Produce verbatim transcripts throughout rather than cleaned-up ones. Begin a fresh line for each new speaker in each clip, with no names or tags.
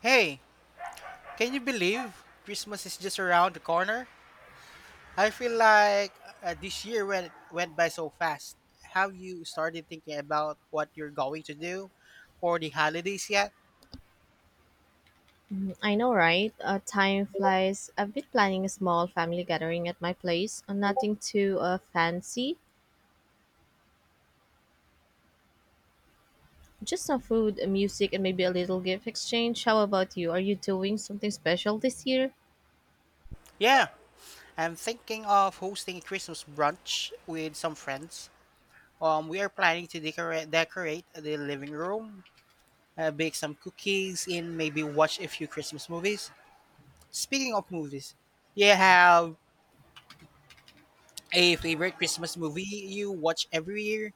Hey, can you believe Christmas is just around the corner? I feel like uh, this year went went by so fast. Have you started thinking about what you're going to do for the holidays yet?
I know, right? Uh, time flies. I've been planning a small family gathering at my place. Uh, nothing too uh, fancy, just some food, uh, music, and maybe a little gift exchange. How about you? Are you doing something special this year?
Yeah, I'm thinking of hosting a Christmas brunch with some friends. Um, we are planning to decorate decorate the living room, uh, bake some cookies, and maybe watch a few Christmas movies. Speaking of movies, do you have a favorite Christmas movie you watch every year?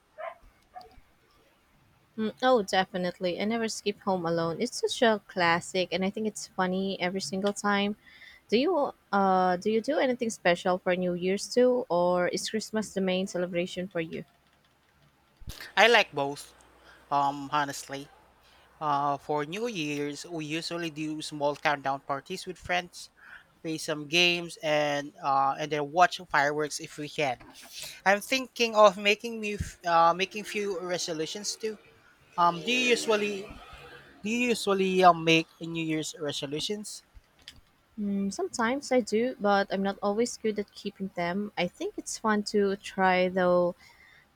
Mm, oh, definitely. I never skip home alone. It's such a classic, and I think it's funny every single time. Do you uh do you do anything special for New Year's too, or is Christmas the main celebration for you?
I like both, um, honestly. Uh, for New Year's, we usually do small countdown parties with friends, play some games, and uh, and then watch fireworks if we can. I'm thinking of making me f- uh, making few resolutions too. Um, do you usually do you usually um, make New Year's resolutions?
Mm, sometimes I do, but I'm not always good at keeping them. I think it's fun to try though.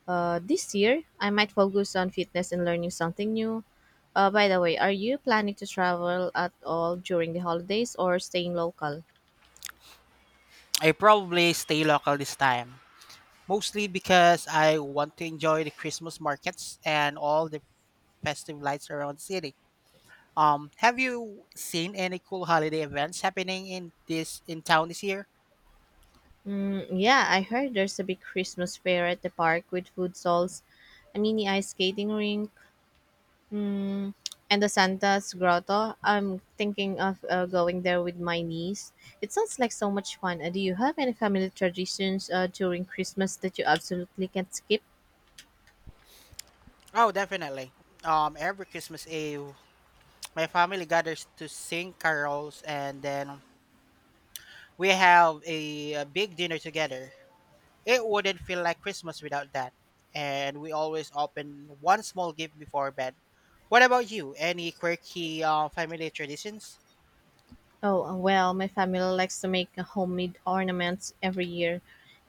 Uh, this year, I might focus on fitness and learning something new. Uh, by the way, are you planning to travel at all during the holidays or staying local?
I probably stay local this time, mostly because I want to enjoy the Christmas markets and all the festive lights around the city. Um, have you seen any cool holiday events happening in this in town this year?
Mm, yeah, I heard there's a big Christmas fair at the park with food stalls, a mini ice skating rink, mm, and the Santa's Grotto. I'm thinking of uh, going there with my niece. It sounds like so much fun. Uh, do you have any family traditions uh, during Christmas that you absolutely can't skip?
Oh, definitely. Um, every Christmas Eve, my family gathers to sing carols, and then we have a, a big dinner together. It wouldn't feel like Christmas without that. And we always open one small gift before bed. What about you? Any quirky uh, family traditions?
Oh, uh, well, my family likes to make uh, homemade ornaments every year.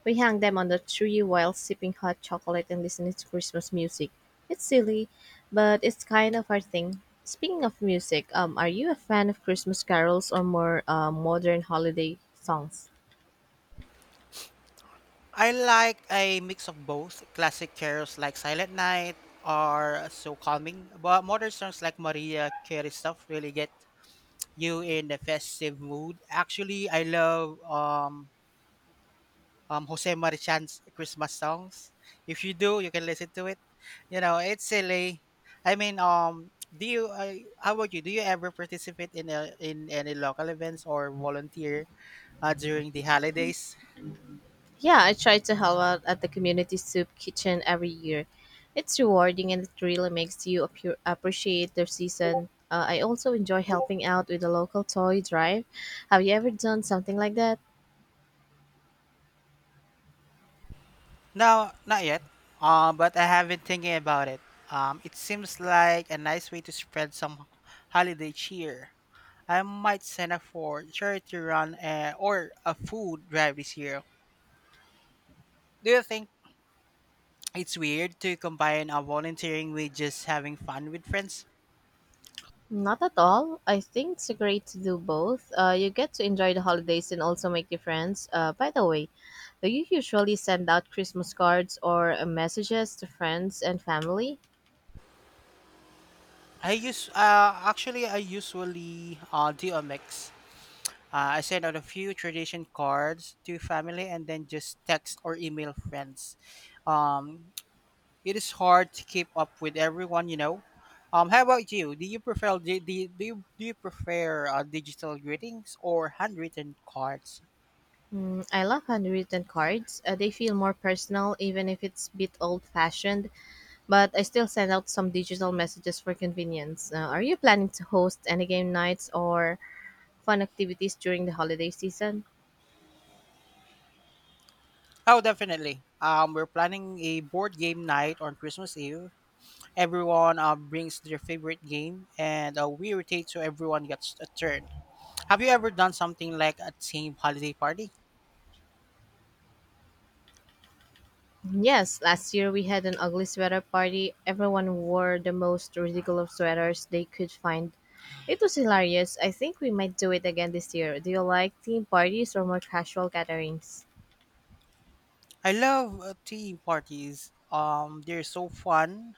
We hang them on the tree while sipping hot chocolate and listening to Christmas music. It's silly, but it's kind of our thing. Speaking of music, um, are you a fan of Christmas carols or more uh, modern holiday songs?
I like a mix of both. Classic carols like Silent Night are so calming, but modern songs like Maria Carey stuff really get you in the festive mood. Actually, I love um um, Jose Marichan's Christmas songs. If you do, you can listen to it. You know, it's silly. I mean, um, do you? I How about you? Do you ever participate in a, in any local events or volunteer uh, during the holidays?
Yeah, I try to help out at the community soup kitchen every year. It's rewarding and it really makes you appu- appreciate the season. Uh, I also enjoy helping out with the local toy drive. Have you ever done something like that?
No, not yet. Um, but I have been thinking about it. Um, it seems like a nice way to spread some holiday cheer. I might sign up for charity run uh, or a food drive this year. Do you think it's weird to combine a volunteering with just having fun with friends?
Not at all. I think it's great to do both. Uh, you get to enjoy the holidays and also make new friends. Uh, by the way, do you usually send out Christmas cards or uh, messages to friends and family?
I use uh, actually I usually uh, do a mix. Uh, I send out a few tradition cards to family and then just text or email friends. Um, it is hard to keep up with everyone, you know. Um, how about you? Do you prefer do, do, you- do you Do you prefer uh, digital greetings or handwritten cards?
Mm, I love handwritten cards. Uh, they feel more personal, even if it's a bit old fashioned, but I still send out some digital messages for convenience. Uh, are you planning to host any game nights or fun activities during the holiday season?
Oh, definitely. Um, we're planning a board game night on Christmas Eve. Everyone uh, brings their favorite game, and uh, we rotate so everyone gets a turn. Have you ever done something like a team holiday party?
Mm, yes, last year we had an ugly sweater party. Everyone wore the most ridiculous sweaters they could find. It was hilarious. I think we might do it again this year. Do you like theme parties or more casual gatherings?
I love uh, team parties. Um, they're so fun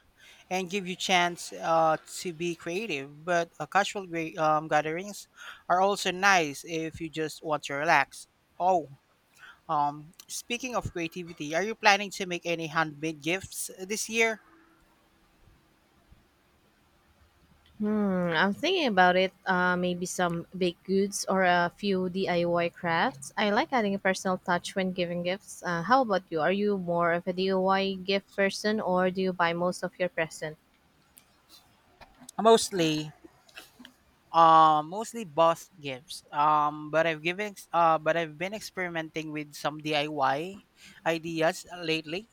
and give you chance uh, to be creative. But uh, casual gra- um, gatherings are also nice if you just want to relax. Oh, um, speaking of creativity, are you planning to make any handmade gifts this year?
Hmm, I'm thinking about it. Uh, maybe some baked goods or a few D I Y crafts. I like adding a personal touch when giving gifts. Uh, how about you? Are you more of a D I Y gift person or do you buy most of your present?
Mostly, Um, mostly boss gifts. Um, but I've given ex- uh, but I've been experimenting with some D I Y ideas lately.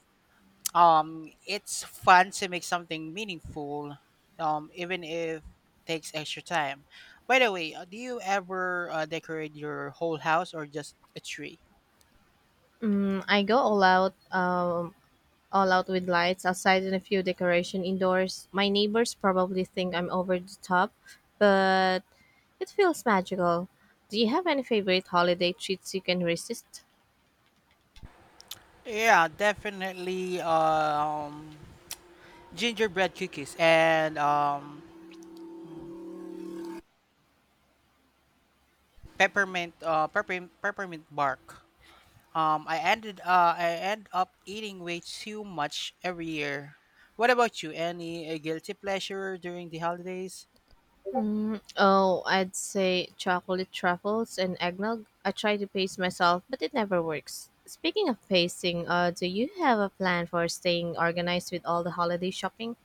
Um, it's fun to make something meaningful, um, even if it takes extra time. By the way, uh, do you ever uh, decorate your whole house or just a tree?
Mm, I go all out, um, all out with lights outside and a few decoration indoors. My neighbors probably think I'm over the top, but it feels magical. Do you have any favorite holiday treats you can resist?
Yeah, definitely. Um, gingerbread cookies and um, peppermint uh, peppermint peppermint bark. Um, I ended uh, I end up eating way too much every year. What about you? Any uh, guilty pleasure during the holidays?
Mm, oh, I'd say chocolate truffles and eggnog. I try to pace myself, but it never works. Speaking of pacing, uh, do you have a plan for staying organized with all the holiday shopping?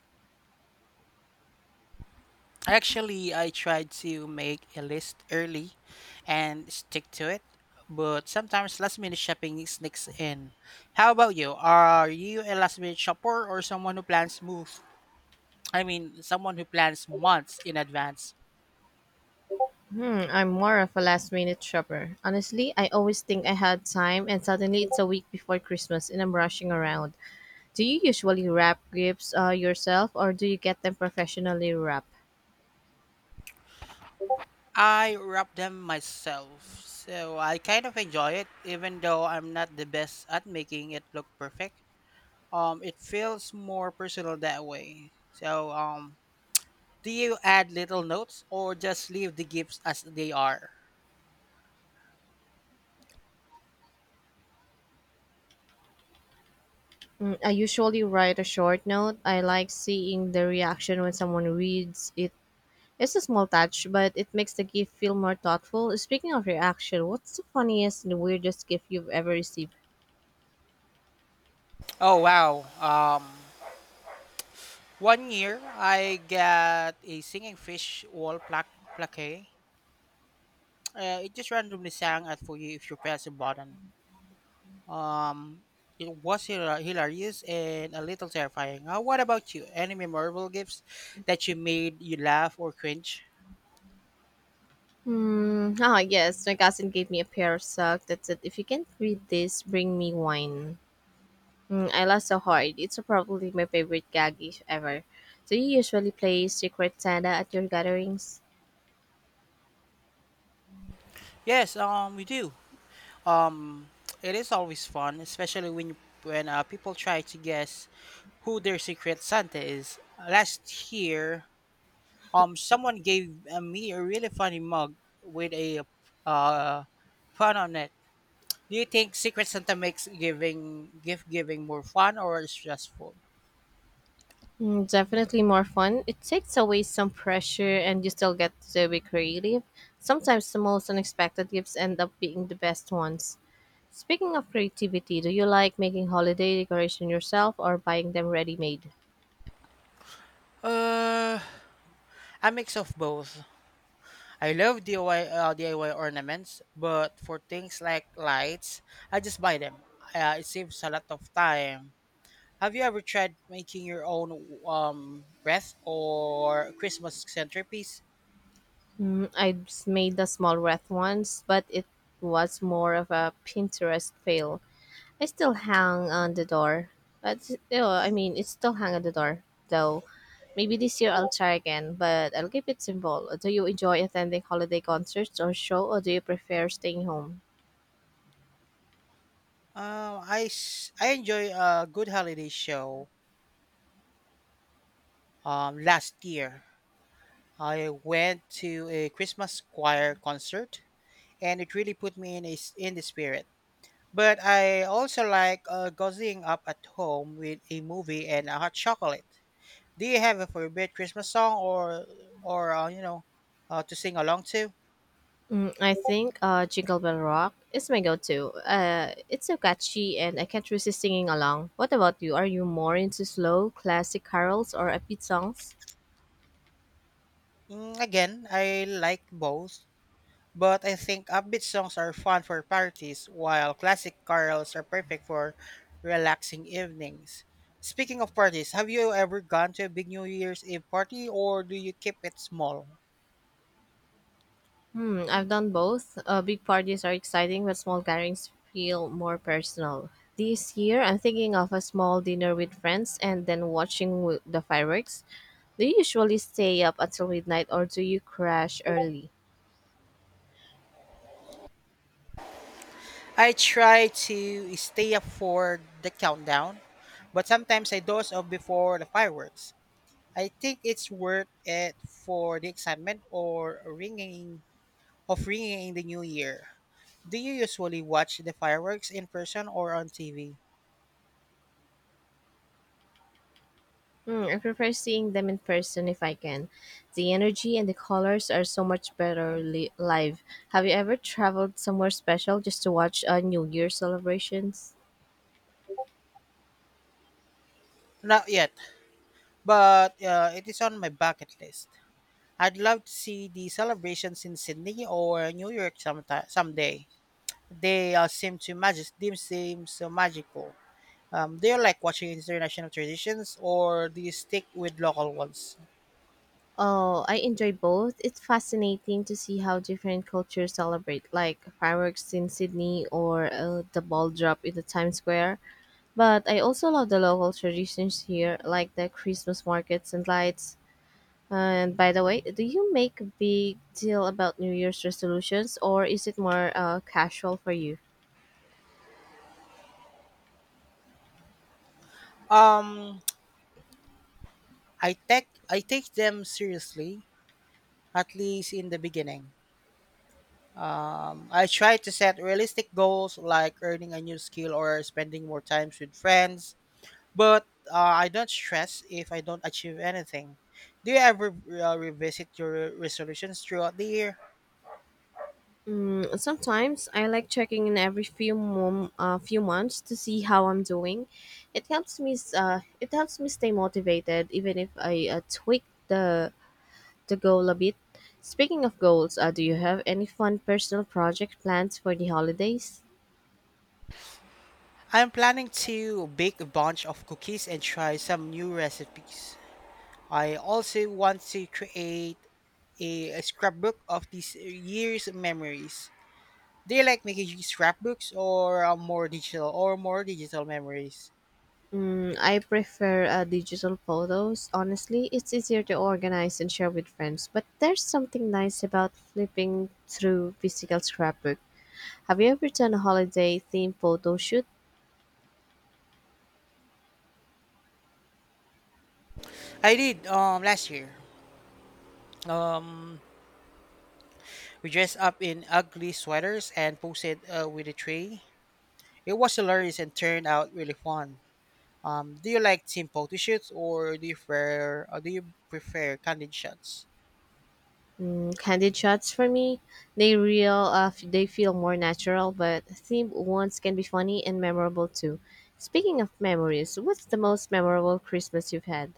Actually, I tried to make a list early and stick to it, but sometimes last minute shopping sneaks in. How about you? Are you a last minute shopper or someone who plans moves? I mean, someone who plans months in advance?
Hmm, I'm more of a last minute shopper. Honestly, I always think I had time, and suddenly it's a week before Christmas and I'm rushing around. Do you usually wrap gifts uh, yourself, or do you get them professionally wrapped?
I wrap them myself, so I kind of enjoy it, even though I'm not the best at making it look perfect. Um, it feels more personal that way. So, um, do you add little notes or just leave the gifts as they are?
Mm, I usually write a short note. I like seeing the reaction when someone reads it. It's a small touch, but it makes the gift feel more thoughtful. Speaking of reaction, what's the funniest and weirdest gift you've ever received?
Oh wow. Um, one year I got a singing fish wall plaque plaque. Uh, it just randomly sang at for you if you press a button. Um, it was hila- hilarious and a little terrifying. Uh, what about you? Any memorable gifts that you made you laugh or cringe?
Hmm. Ah, yes. My cousin gave me a pair of socks that said, "If you can't read this, bring me wine." Mm, I laughed so hard. It's probably my favorite gag if ever. Do you usually play Secret Santa at your gatherings?
Yes, um, we do. Um, it is always fun, especially when you, when uh, people try to guess who their secret Santa is. Last year, um, someone gave uh, me a really funny mug with a uh, fun on it. Do you think Secret Santa makes giving gift giving more fun or stressful?
Mm, definitely more fun. It takes away some pressure, and you still get to be creative. Sometimes the most unexpected gifts end up being the best ones. Speaking of creativity, do you like making holiday decoration yourself or buying them ready made?
Uh, A mix of both. I love D I Y, uh, D I Y ornaments, but for things like lights, I just buy them. Uh, it saves a lot of time. Have you ever tried making your own um, wreath or Christmas centerpiece?
Mm, I s- made a small wreath once, but it was more of a Pinterest fail. I still hang on the door, but uh, I mean, it still hang on the door though. Maybe this year I'll try again, but I'll keep it simple. Do you enjoy attending holiday concerts or show, or do you prefer staying home?
Um, I, s- I enjoy a good holiday show. Um, last year, I went to a Christmas choir concert, and it really put me in a, s- in the spirit. But I also like uh, cozying up at home with a movie and a hot chocolate. Do you have a favorite Christmas song or or uh, you know uh, to sing along to?
Mm, I think uh, Jingle Bell Rock is my go-to. Uh, it's so catchy, and I can't resist singing along. What about you? Are you more into slow, classic carols or upbeat songs?
Mm, again, I like both, but I think upbeat songs are fun for parties, while classic carols are perfect for relaxing evenings. Speaking of parties, have you ever gone to a big New Year's Eve party, or do you keep it small?
Hmm, I've done both. Uh, big parties are exciting, but small gatherings feel more personal. This year, I'm thinking of a small dinner with friends and then watching w- the fireworks. Do you usually stay up until midnight, or do you crash early?
I try to stay up for the countdown, but sometimes I doze off before the fireworks. I think it's worth it for the excitement or ringing of ringing in the new year. Do you usually watch the fireworks in person or on T V?
Mm, I prefer seeing them in person if I can. The energy and the colors are so much better li- live. Have you ever traveled somewhere special just to watch uh, New Year celebrations?
Not yet, but uh, it is on my bucket list. I'd love to see the celebrations in Sydney or New York sometime someday. They uh, seem to magic. They seem so magical. Um, do you like watching international traditions or do you stick with local ones?
Oh, I enjoy both. It's fascinating to see how different cultures celebrate, like fireworks in Sydney or uh, the ball drop in the Times Square. But I also love the local traditions here, like the Christmas markets and lights. And by the way, do you make a big deal about New Year's resolutions or is it more uh, casual for you?
Um, I take I take them seriously, at least in the beginning. I try to set realistic goals like earning a new skill or spending more time with friends, but uh, I don't stress if I don't achieve anything. Do you ever uh, revisit your resolutions throughout the year?
Mm, sometimes I like checking in every few mom, uh, few months to see how I'm doing. It helps me s- uh, it helps me stay motivated even if I uh, tweak the the goal a bit. Speaking of goals, uh, do you have any fun personal project plans for the holidays?
I'm planning to bake a bunch of cookies and try some new recipes. I also want to create a, a scrapbook of these years memories. Do you like making scrapbooks or uh, more digital or more digital memories?
Mm, I prefer uh, digital photos. Honestly, it's easier to organize and share with friends. But there's something nice about flipping through physical scrapbook. Have you ever done a holiday themed photo shoot?
I did um last year. Um, we dressed up in ugly sweaters and posted uh, with a tray. It was hilarious and turned out really fun. Um, do you like team photo shoots or do you prefer or do you prefer candid shots?
Mm, candid shots for me, they real. Uh, f- they feel more natural, but themed ones can be funny and memorable too. Speaking of memories, what's the most memorable Christmas you've had?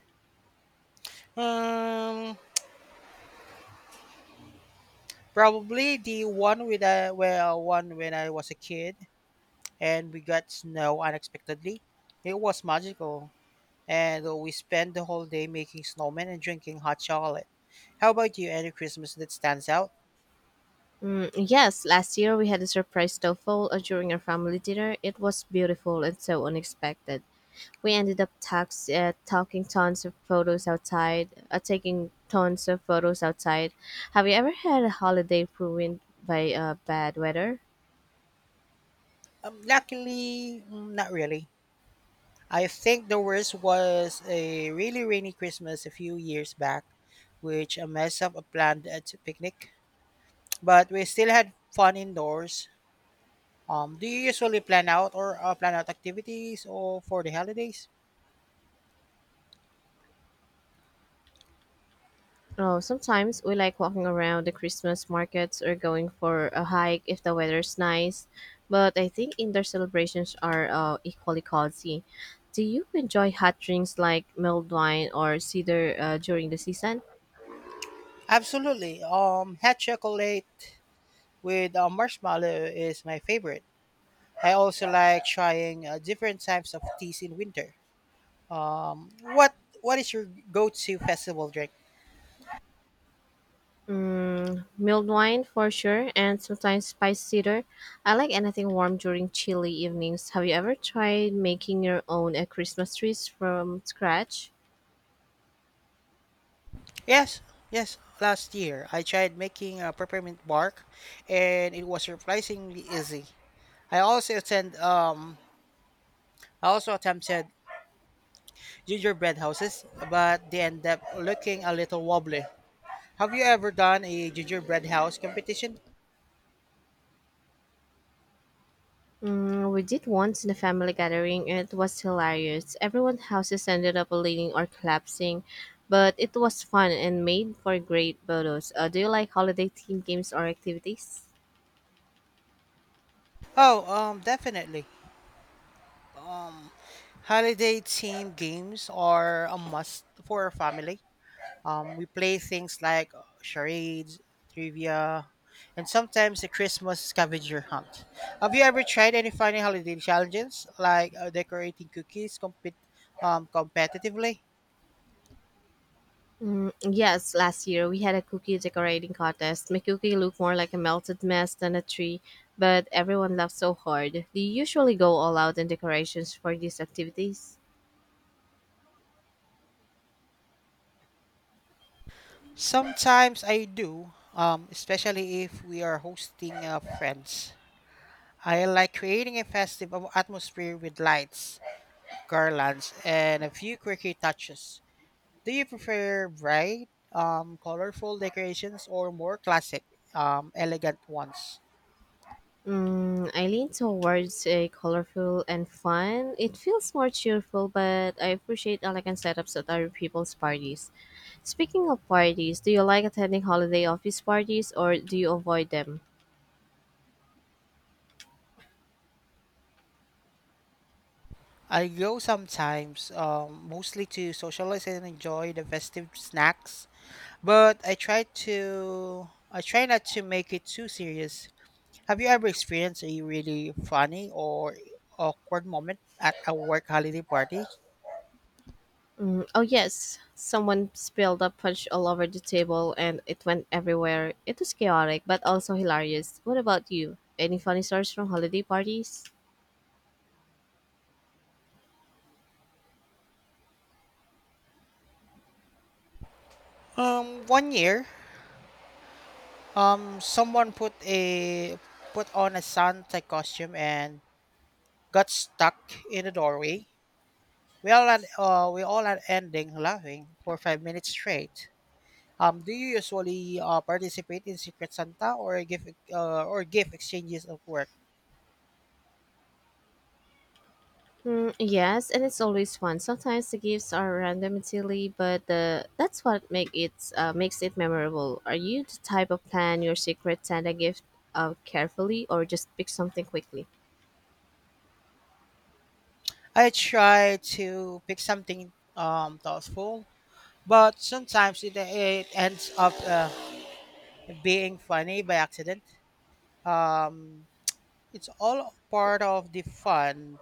Um, probably the one with a well one when I was a kid, and we got snow unexpectedly. It was magical, and we spent the whole day making snowmen and drinking hot chocolate. How about you? Any Christmas that stands out?
Mm, yes, last year we had a surprise snowfall uh, during our family dinner. It was beautiful and so unexpected. We ended up tax, uh, talking tons of photos outside, uh, taking tons of photos outside. Have you ever had a holiday ruined by uh, bad weather?
Um, luckily, mm, not really. I think the worst was a really rainy Christmas a few years back, which I messed up a planned uh, t- picnic. But we still had fun indoors. Um, do you usually plan out or uh, plan out activities or for the holidays?
Oh, sometimes we like walking around the Christmas markets or going for a hike if the weather's nice. But I think indoor celebrations are uh, equally cozy. Do you enjoy hot drinks like mulled wine or cider uh, during the season?
Absolutely. Um, hot chocolate with uh, marshmallow is my favorite. I also like trying uh, different types of teas in winter. Um, what what is your go-to festival drink?
Mm, mulled wine for sure, and sometimes spiced cider. I like anything warm during chilly evenings. Have you ever tried making your own uh, Christmas trees from scratch?
Yes, yes. Last year, I tried making a peppermint bark, and it was surprisingly easy. I also attend um I also attempted gingerbread houses, but they end up looking a little wobbly. Have you ever done a gingerbread house competition?
Mm, we did once in a family gathering. It was hilarious. Everyone's houses ended up leaning or collapsing, but it was fun and made for great photos. Uh, do you like holiday themed games or activities?
Oh, um, definitely. Holiday themed games are a must for our family. Um, we play things like uh, charades, trivia, and sometimes the Christmas scavenger hunt. Have you ever tried any funny holiday challenges like uh, decorating cookies compet um, competitively?
Mm, yes, last year we had a cookie decorating contest. My cookie looked more like a melted mess than a tree, but everyone laughed so hard. Do you usually go all out in decorations for these activities?
Sometimes I do, um, especially if we are hosting uh, friends. I like creating a festive atmosphere with lights, garlands, and a few quirky touches. Do you prefer bright, um, colorful decorations or more classic, um, elegant ones?
Mm, I lean towards a colorful and fun. It feels more cheerful, but I appreciate elegant setups at other people's parties. Speaking of parties, do you like attending holiday office parties or do you avoid them?
I go sometimes, um, mostly to socialize and enjoy the festive snacks, but I try to I try not to make it too serious. Have you ever experienced a really funny or awkward moment at a work holiday party?
Mm, oh, yes. Someone spilled a punch all over the table and it went everywhere. It was chaotic, but also hilarious. What about you? Any funny stories from holiday parties?
Um, one year, um, someone put a put on a Santa costume and got stuck in the doorway. We all had, uh, we all had ending laughing for five minutes straight. Um, do you usually uh, participate in Secret Santa or give uh, or gift exchanges at work?
Mm, yes, and it's always fun. Sometimes the gifts are random and silly, but the that's what make it uh, makes it memorable. Are you the type of plan your secret Santa gift uh, carefully, or just pick something quickly?
I try to pick something um, thoughtful, but sometimes it, it ends up uh, being funny by accident. Um, it's all part of the fun.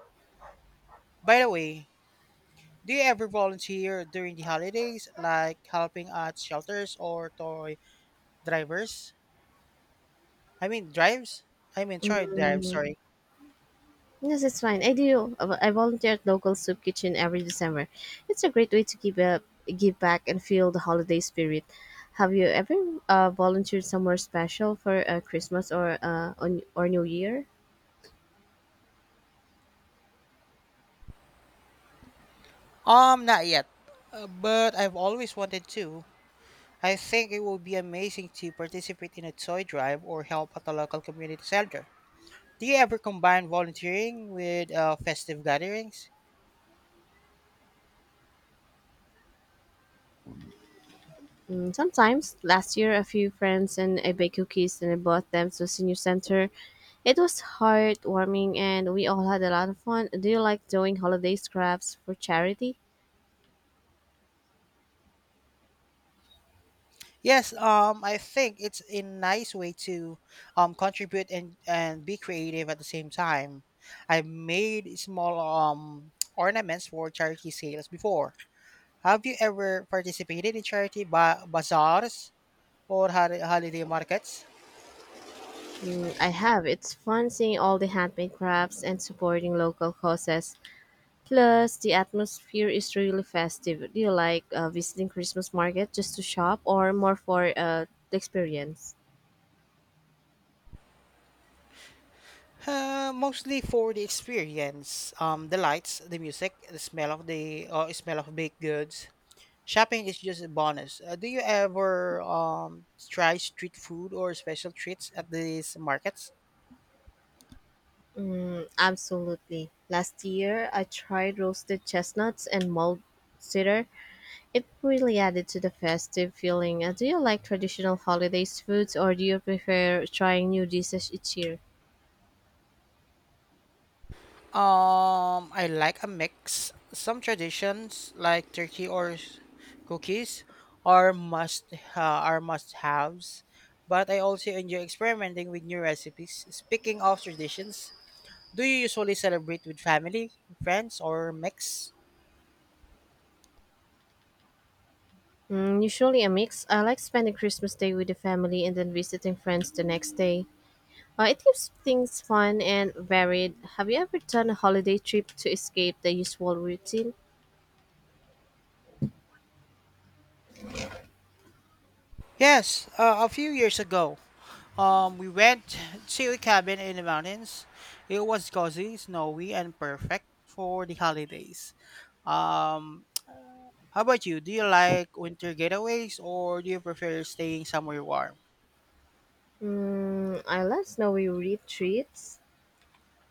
By the way, do you ever volunteer during the holidays, like helping at shelters or toy drivers? I mean, drives? I mean, sorry, drives,
Mm,
sorry.
yes, it's fine. I do. I vo- I volunteer at local soup kitchen every December. It's a great way to give up, give back, and feel the holiday spirit. Have you ever uh, volunteered somewhere special for uh, Christmas or uh, on, or New Year?
Um, not yet. Uh, but I've always wanted to. I think it would be amazing to participate in a toy drive or help at a local community center. Do you ever combine volunteering with uh, festive gatherings?
Mm, sometimes, last year, a few friends and I baked cookies and I bought them to senior center. It was heartwarming and we all had a lot of fun. Do you like doing holiday crafts for charity?
Yes, um, I think it's a nice way to um, contribute and, and be creative at the same time. I made small um, ornaments for charity sales before. Have you ever participated in charity ba- bazaars or hol- holiday markets?
Mm, I have. It's fun seeing all the handmade crafts and supporting local causes. Plus, the atmosphere is really festive. Do you like uh, visiting Christmas market just to shop or more for uh, the experience?
Uh, mostly for the experience, um, the lights, the music, the smell of the uh, smell of baked goods. Shopping is just a bonus. Uh, do you ever um try street food or special treats at these markets?
Absolutely. Last year, I tried roasted chestnuts and mulled cedar. It really added to the festive feeling. Uh, do you like traditional holidays foods or do you prefer trying new dishes each year?
Um, I like a mix. Some traditions like turkey or s- cookies are must uh, are must haves, but I also enjoy experimenting with new recipes. Speaking of traditions, do you usually celebrate with family, friends, or mix?
Mm, usually a mix. I like spending Christmas Day with the family and then visiting friends the next day. Uh, it keeps things fun and varied. Have you ever done a holiday trip to escape the usual routine?
Yes, uh, a few years ago, um, we went to a cabin in the mountains. It was cozy, snowy, and perfect for the holidays. Um, how about you? Do you like winter getaways or do you prefer staying somewhere warm?
Mm, I love snowy retreats.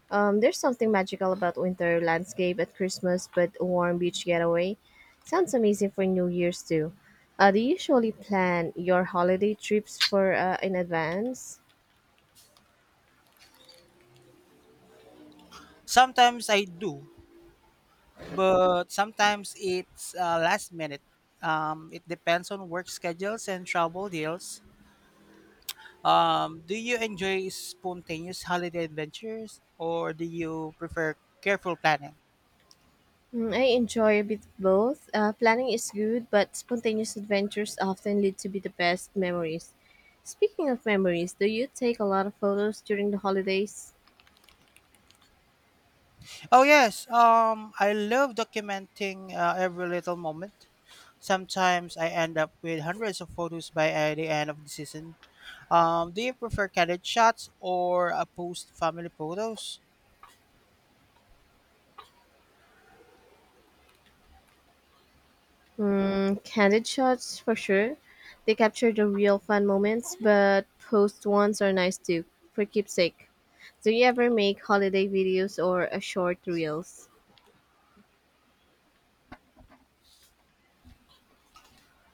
Um, there's something magical about winter landscape at Christmas, but a warm beach getaway sounds amazing for New Year's too. Uh, do you usually plan your holiday trips for uh, in advance?
Sometimes I do, but sometimes it's uh, last minute. Um, it depends on work schedules and travel deals. Um, do you enjoy spontaneous holiday adventures or do you prefer careful planning?
Mm, I enjoy a bit both. Uh, planning is good, but spontaneous adventures often lead to be the best memories. Speaking of memories, do you take a lot of photos during the holidays?
Oh yes, um, I love documenting uh, every little moment. Sometimes I end up with hundreds of photos by uh, the end of the season. Um, do you prefer candid shots or uh, post family photos?
Mm, candid shots for sure. They capture the real fun moments, but post ones are nice too, for keepsake. Do you ever make holiday videos or a short reels?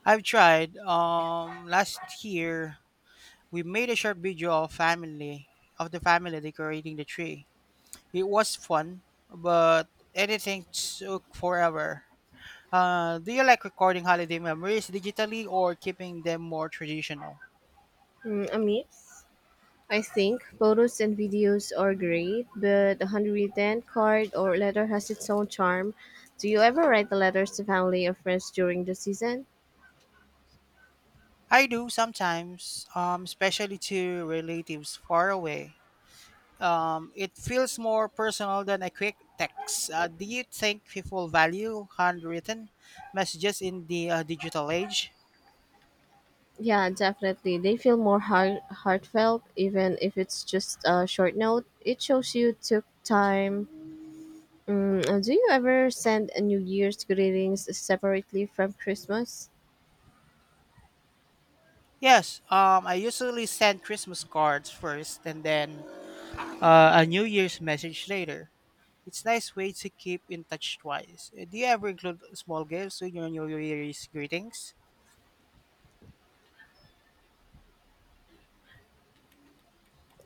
I've tried. Um, last year we made a short video of family of the family decorating the tree. It was fun, but editing took forever. Uh, do you like recording holiday memories digitally or keeping them more traditional?
Mm, a mix. I think photos and videos are great, but a handwritten card or letter has its own charm. Do you ever write the letters to family or friends during the season?
I do sometimes, um, especially to relatives far away. Um, it feels more personal than a quick text. Uh, do you think people value handwritten messages in the uh, digital age?
Yeah, definitely. They feel more heart- heartfelt, even if it's just a short note. It shows you took time. Mm, uh, do you ever send a New Year's greetings separately from Christmas?
Yes, um, I usually send Christmas cards first and then uh, a New Year's message later. It's nice way to keep in touch twice. Uh, Do you ever include small gifts in your New Year's greetings?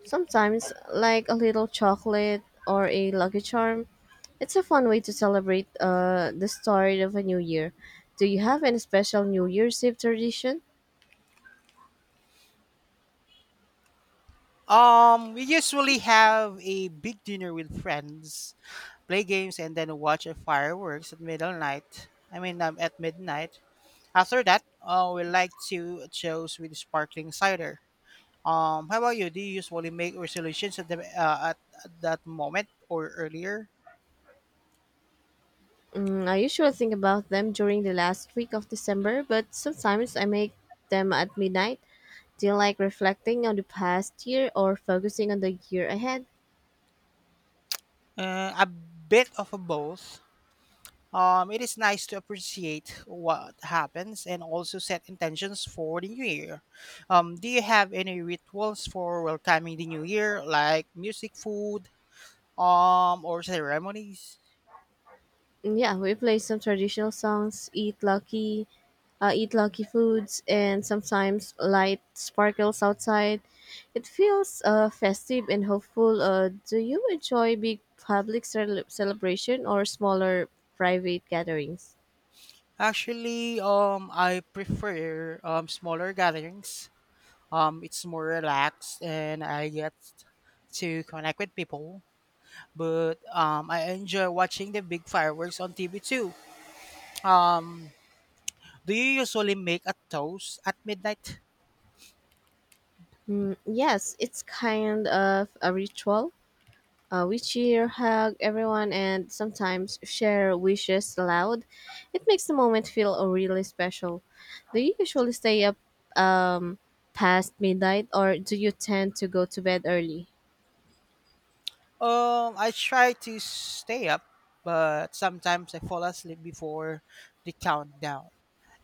Sometimes, like a little chocolate or a lucky charm. It's a fun way to celebrate uh, the start of a new year. Do you have any special New Year's Eve tradition?
Um, we usually have a big dinner with friends, play games, and then watch a fireworks at midnight. I mean, um, at midnight. After that, uh, we like to choose with sparkling cider. Um, how about you? Do you usually make resolutions at the uh, at, at that moment or earlier?
Mm, I usually think about them during the last week of December, but sometimes I make them at midnight. Do you like reflecting on the past year or focusing on the year ahead?
Uh, a bit of a both. Um, it is nice to appreciate what happens and also set intentions for the new year. Um, do you have any rituals for welcoming the new year, like music, food, um, or ceremonies?
Yeah, we play some traditional songs, eat lucky, uh, eat lucky foods, and sometimes light sparkles outside. It feels uh, festive and hopeful. Uh, do you enjoy big public cel- celebration or smaller private gatherings?
Actually, um, I prefer um, smaller gatherings. Um, it's more relaxed and I get to connect with people. But um, I enjoy watching the big fireworks on T V too. Do you usually make a toast at midnight?
Mm, yes, it's kind of a ritual. Uh, we cheer, hug everyone, and sometimes share wishes aloud. It makes the moment feel uh, really special. Do you usually stay up um, past midnight, or do you tend to go to bed early?
Um, I try to stay up, but sometimes I fall asleep before the countdown.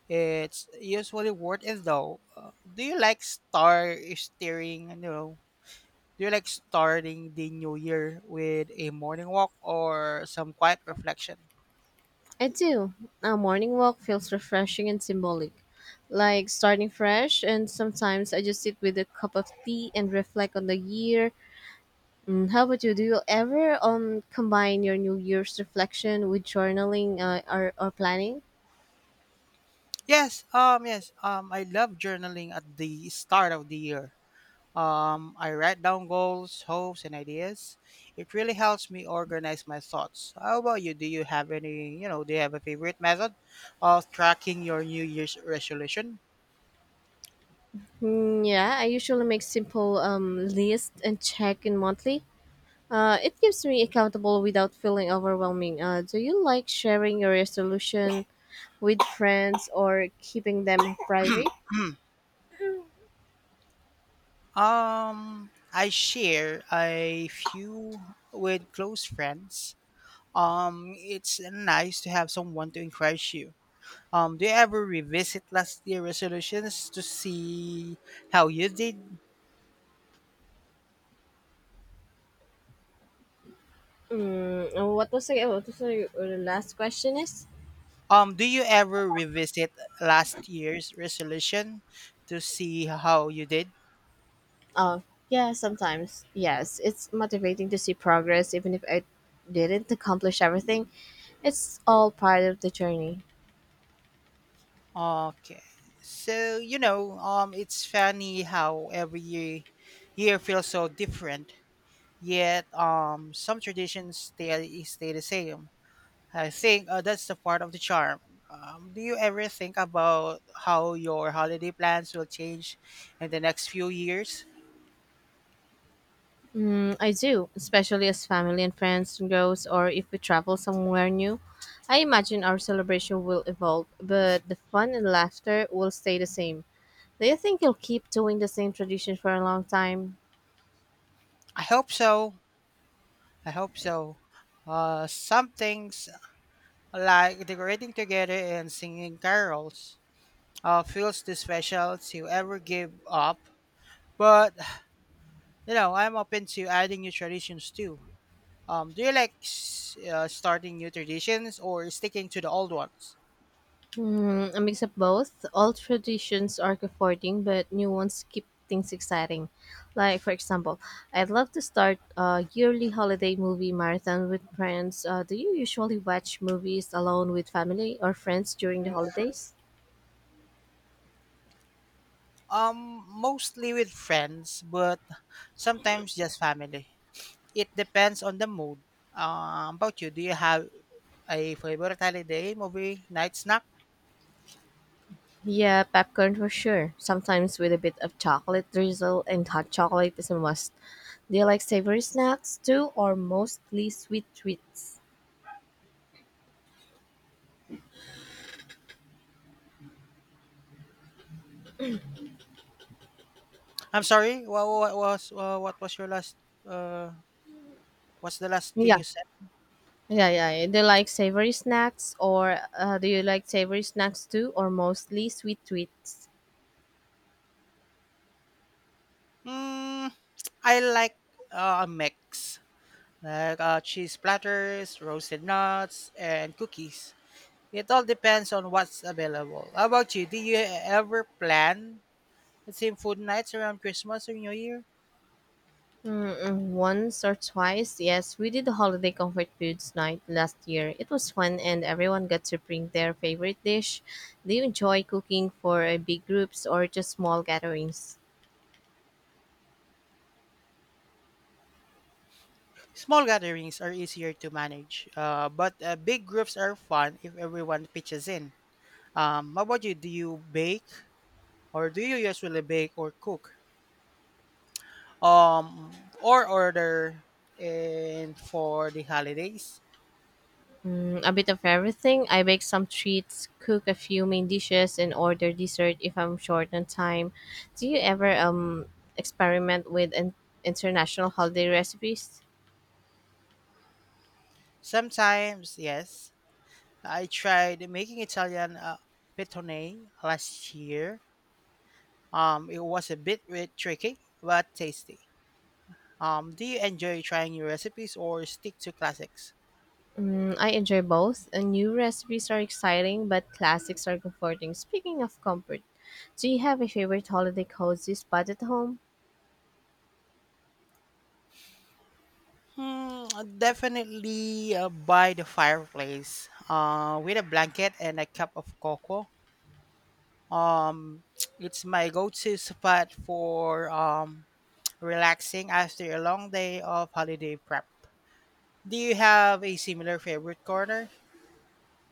It's usually worth it though. Uh, do you like star steering? You know, Do you like starting the new year with a morning walk or some quiet reflection?
I do. A morning walk feels refreshing and symbolic, like starting fresh. And sometimes I just sit with a cup of tea and reflect on the year. Mm, how about you? Do you ever um combine your New Year's reflection with journaling uh, or or planning?
Yes, um, yes, um, I love journaling at the start of the year. Um, I write down goals, hopes, and ideas. It really helps me organize my thoughts. How about you? Do you have any, you know, do you have a favorite method of tracking your New Year's resolution?
Mm, yeah, I usually make simple um, lists and check in monthly. Uh, it keeps me accountable without feeling overwhelming. Uh, do you like sharing your resolution with friends or keeping them private?
Hmm. Um, I share a few with close friends. Um, it's nice to have someone to encourage you. Um, do you ever revisit last year resolutions to see how you did?
Mm, uh, what was the, what was the uh, last question is?
Um, do you ever revisit last year's resolution to see how you did?
Oh, yeah, sometimes. Yes, it's motivating to see progress even if I didn't accomplish everything. It's all part of the journey.
Okay. So, you know, um, it's funny how every year, year feels so different, yet um, some traditions stay, stay the same. I think uh, that's the part of the charm. Um, do you ever think about how your holiday plans will change in the next few years?
Mm, I do, especially as family and friends grows, or if we travel somewhere new. I imagine our celebration will evolve, but the fun and laughter will stay the same. Do you think you'll keep doing the same tradition for a long time?
I hope so. I hope so. Uh, some things like decorating together and singing carols uh, feels too special to ever give up. But you know, I'm open to adding new traditions too. Um, do you like s- uh, starting new traditions or sticking to the old ones?
Hmm, a mix of both. Old traditions are comforting, but new ones keep things exciting. Like, for example, I'd love to start a yearly holiday movie marathon with friends. Uh, do you usually watch movies alone with family or friends during the holidays?
Um, mostly with friends, but sometimes just family. It depends on the mood. Um, about you, do you have a favorite holiday movie night snack?
Yeah, popcorn for sure. Sometimes with a bit of chocolate drizzle and hot chocolate is a must. Do you like savory snacks too, or mostly sweet treats?
I'm sorry. What, what was uh, what was your last? Uh, what's the last thing
Yeah,
you said?
yeah, yeah. Do you like savory snacks, or uh, do you like savory snacks too, or mostly sweet treats?
Mm, I like uh, a mix, like uh, cheese platters, roasted nuts, and cookies. It all depends on what's available. How about you? Do you ever plan the same food nights around Christmas or New Year.
Mm, once or twice, yes, we did the holiday comfort foods night last year. It was fun, and everyone got to bring their favorite dish. Do you enjoy cooking for uh, big groups or just small gatherings?
Small gatherings are easier to manage, uh, but uh, big groups are fun if everyone pitches in. Um, how about you? Do you bake, or do you usually bake or cook, um, or order in for the holidays?
Mm, a bit of everything. I bake some treats, cook a few main dishes, and order dessert if I'm short on time. Do you ever um experiment with in- international holiday recipes?
Sometimes, yes. I tried making Italian uh, pitone last year. Um, it was a bit, bit tricky but tasty. Um, do you enjoy trying new recipes or stick to classics?
Mm, I enjoy both. Uh, new recipes are exciting, but classics are comforting. Speaking of comfort, do you have a favorite holiday cozy spot at home?
Hmm, definitely uh, by the fireplace uh, with a blanket and a cup of cocoa. Um, it's my go-to spot for um, relaxing after a long day of holiday prep. Do you have a similar favorite corner?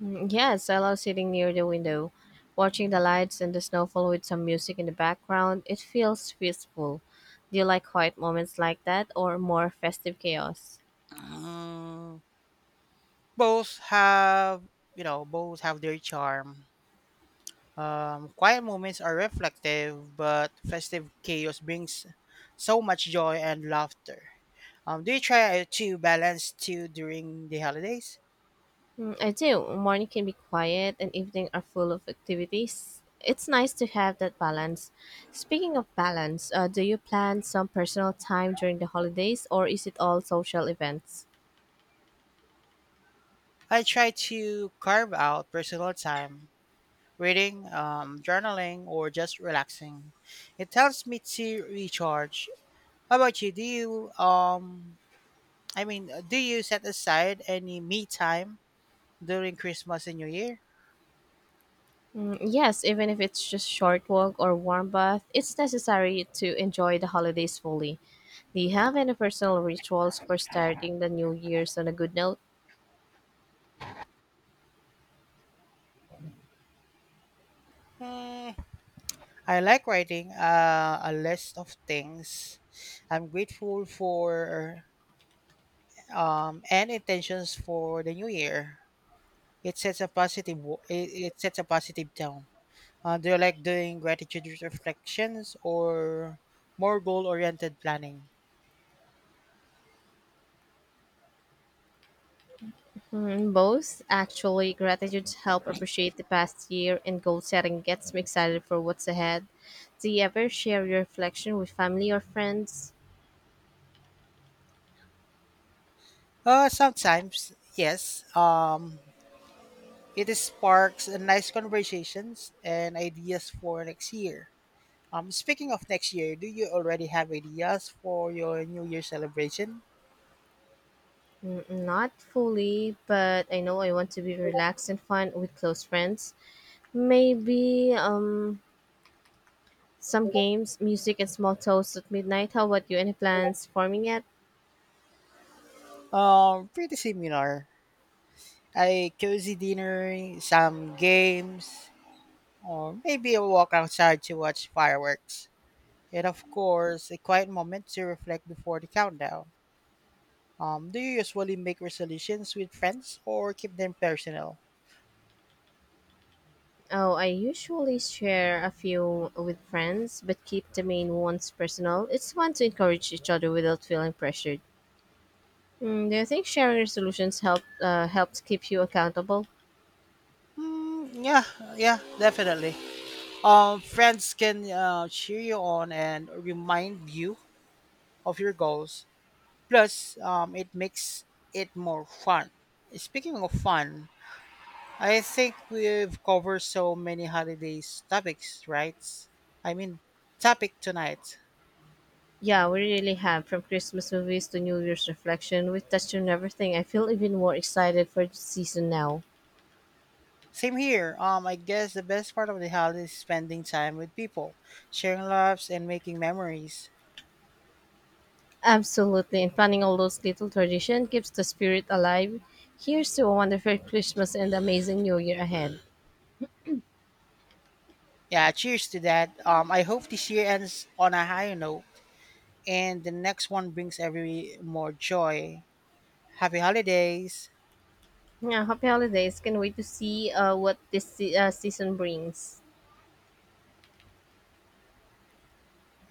Mm, yes, I love sitting near the window, watching the lights and the snowfall with some music in the background. It feels peaceful. Do you like quiet moments like that or more festive chaos?
Mm, both have, you know, both have their charm. Um, quiet moments are reflective, but festive chaos brings so much joy and laughter. Um, do you try to balance two during the holidays?
Mm, I do. Morning can be quiet and evening are full of activities. It's nice to have that balance. Speaking of balance, uh, do you plan some personal time during the holidays or is it all social events?
I try to carve out personal time, reading, um, journaling, or just relaxing. It helps me to recharge. How about you? Do you um, I mean, do you set aside any me time during Christmas and New Year?
Mm, yes, even if it's just short walk or warm bath, it's necessary to enjoy the holidays fully. Do you have any personal rituals for starting the new year's on a good note?
Hmm, I like writing uh, a list of things I'm grateful for um, and intentions for the new year. It sets a positive wo- it, it sets a positive tone. Uh, do you like doing gratitude reflections or more goal-oriented planning?
Mm, both. Actually, gratitude help appreciate the past year and goal setting gets me excited for what's ahead. Do you ever share your reflection with family or friends?
Uh, sometimes, yes. Um, it sparks a nice conversations and ideas for next year. Um, speaking of next year, do you already have ideas for your New Year celebration?
Mm, not fully, but I know I want to be relaxed and fun with close friends. Maybe um some games, music, and small toasts at midnight. How about you? Any plans forming yet?
Um, pretty similar. A cozy dinner, some games, or maybe a walk outside to watch fireworks. And of course, a quiet moment to reflect before the countdown. Um, do you usually make resolutions with friends or keep them personal?
Oh, I usually share a few with friends, but keep the main ones personal. It's fun to encourage each other without feeling pressured. Mm, do you think sharing resolutions help uh, helps keep you accountable?
Mm, yeah, yeah, definitely. Um, friends can uh, cheer you on and remind you of your goals. Plus, um, it makes it more fun. Speaking of fun, I think we've covered so many holidays topics, right? I mean, topic tonight.
Yeah, we really have. From Christmas movies to New Year's reflection, we touched on everything. I feel even more excited for the season now.
Same here. Um, I guess the best part of the holiday is spending time with people, sharing laughs, and making memories.
Absolutely, and planning all those little traditions keeps the spirit alive. Here's to a wonderful Christmas and amazing New Year ahead.
Yeah, cheers to that. Um, I hope this year ends on a higher note, and the next one brings every more joy. Happy holidays.
Yeah, happy holidays! Can't wait to see uh, what this se- uh, season brings.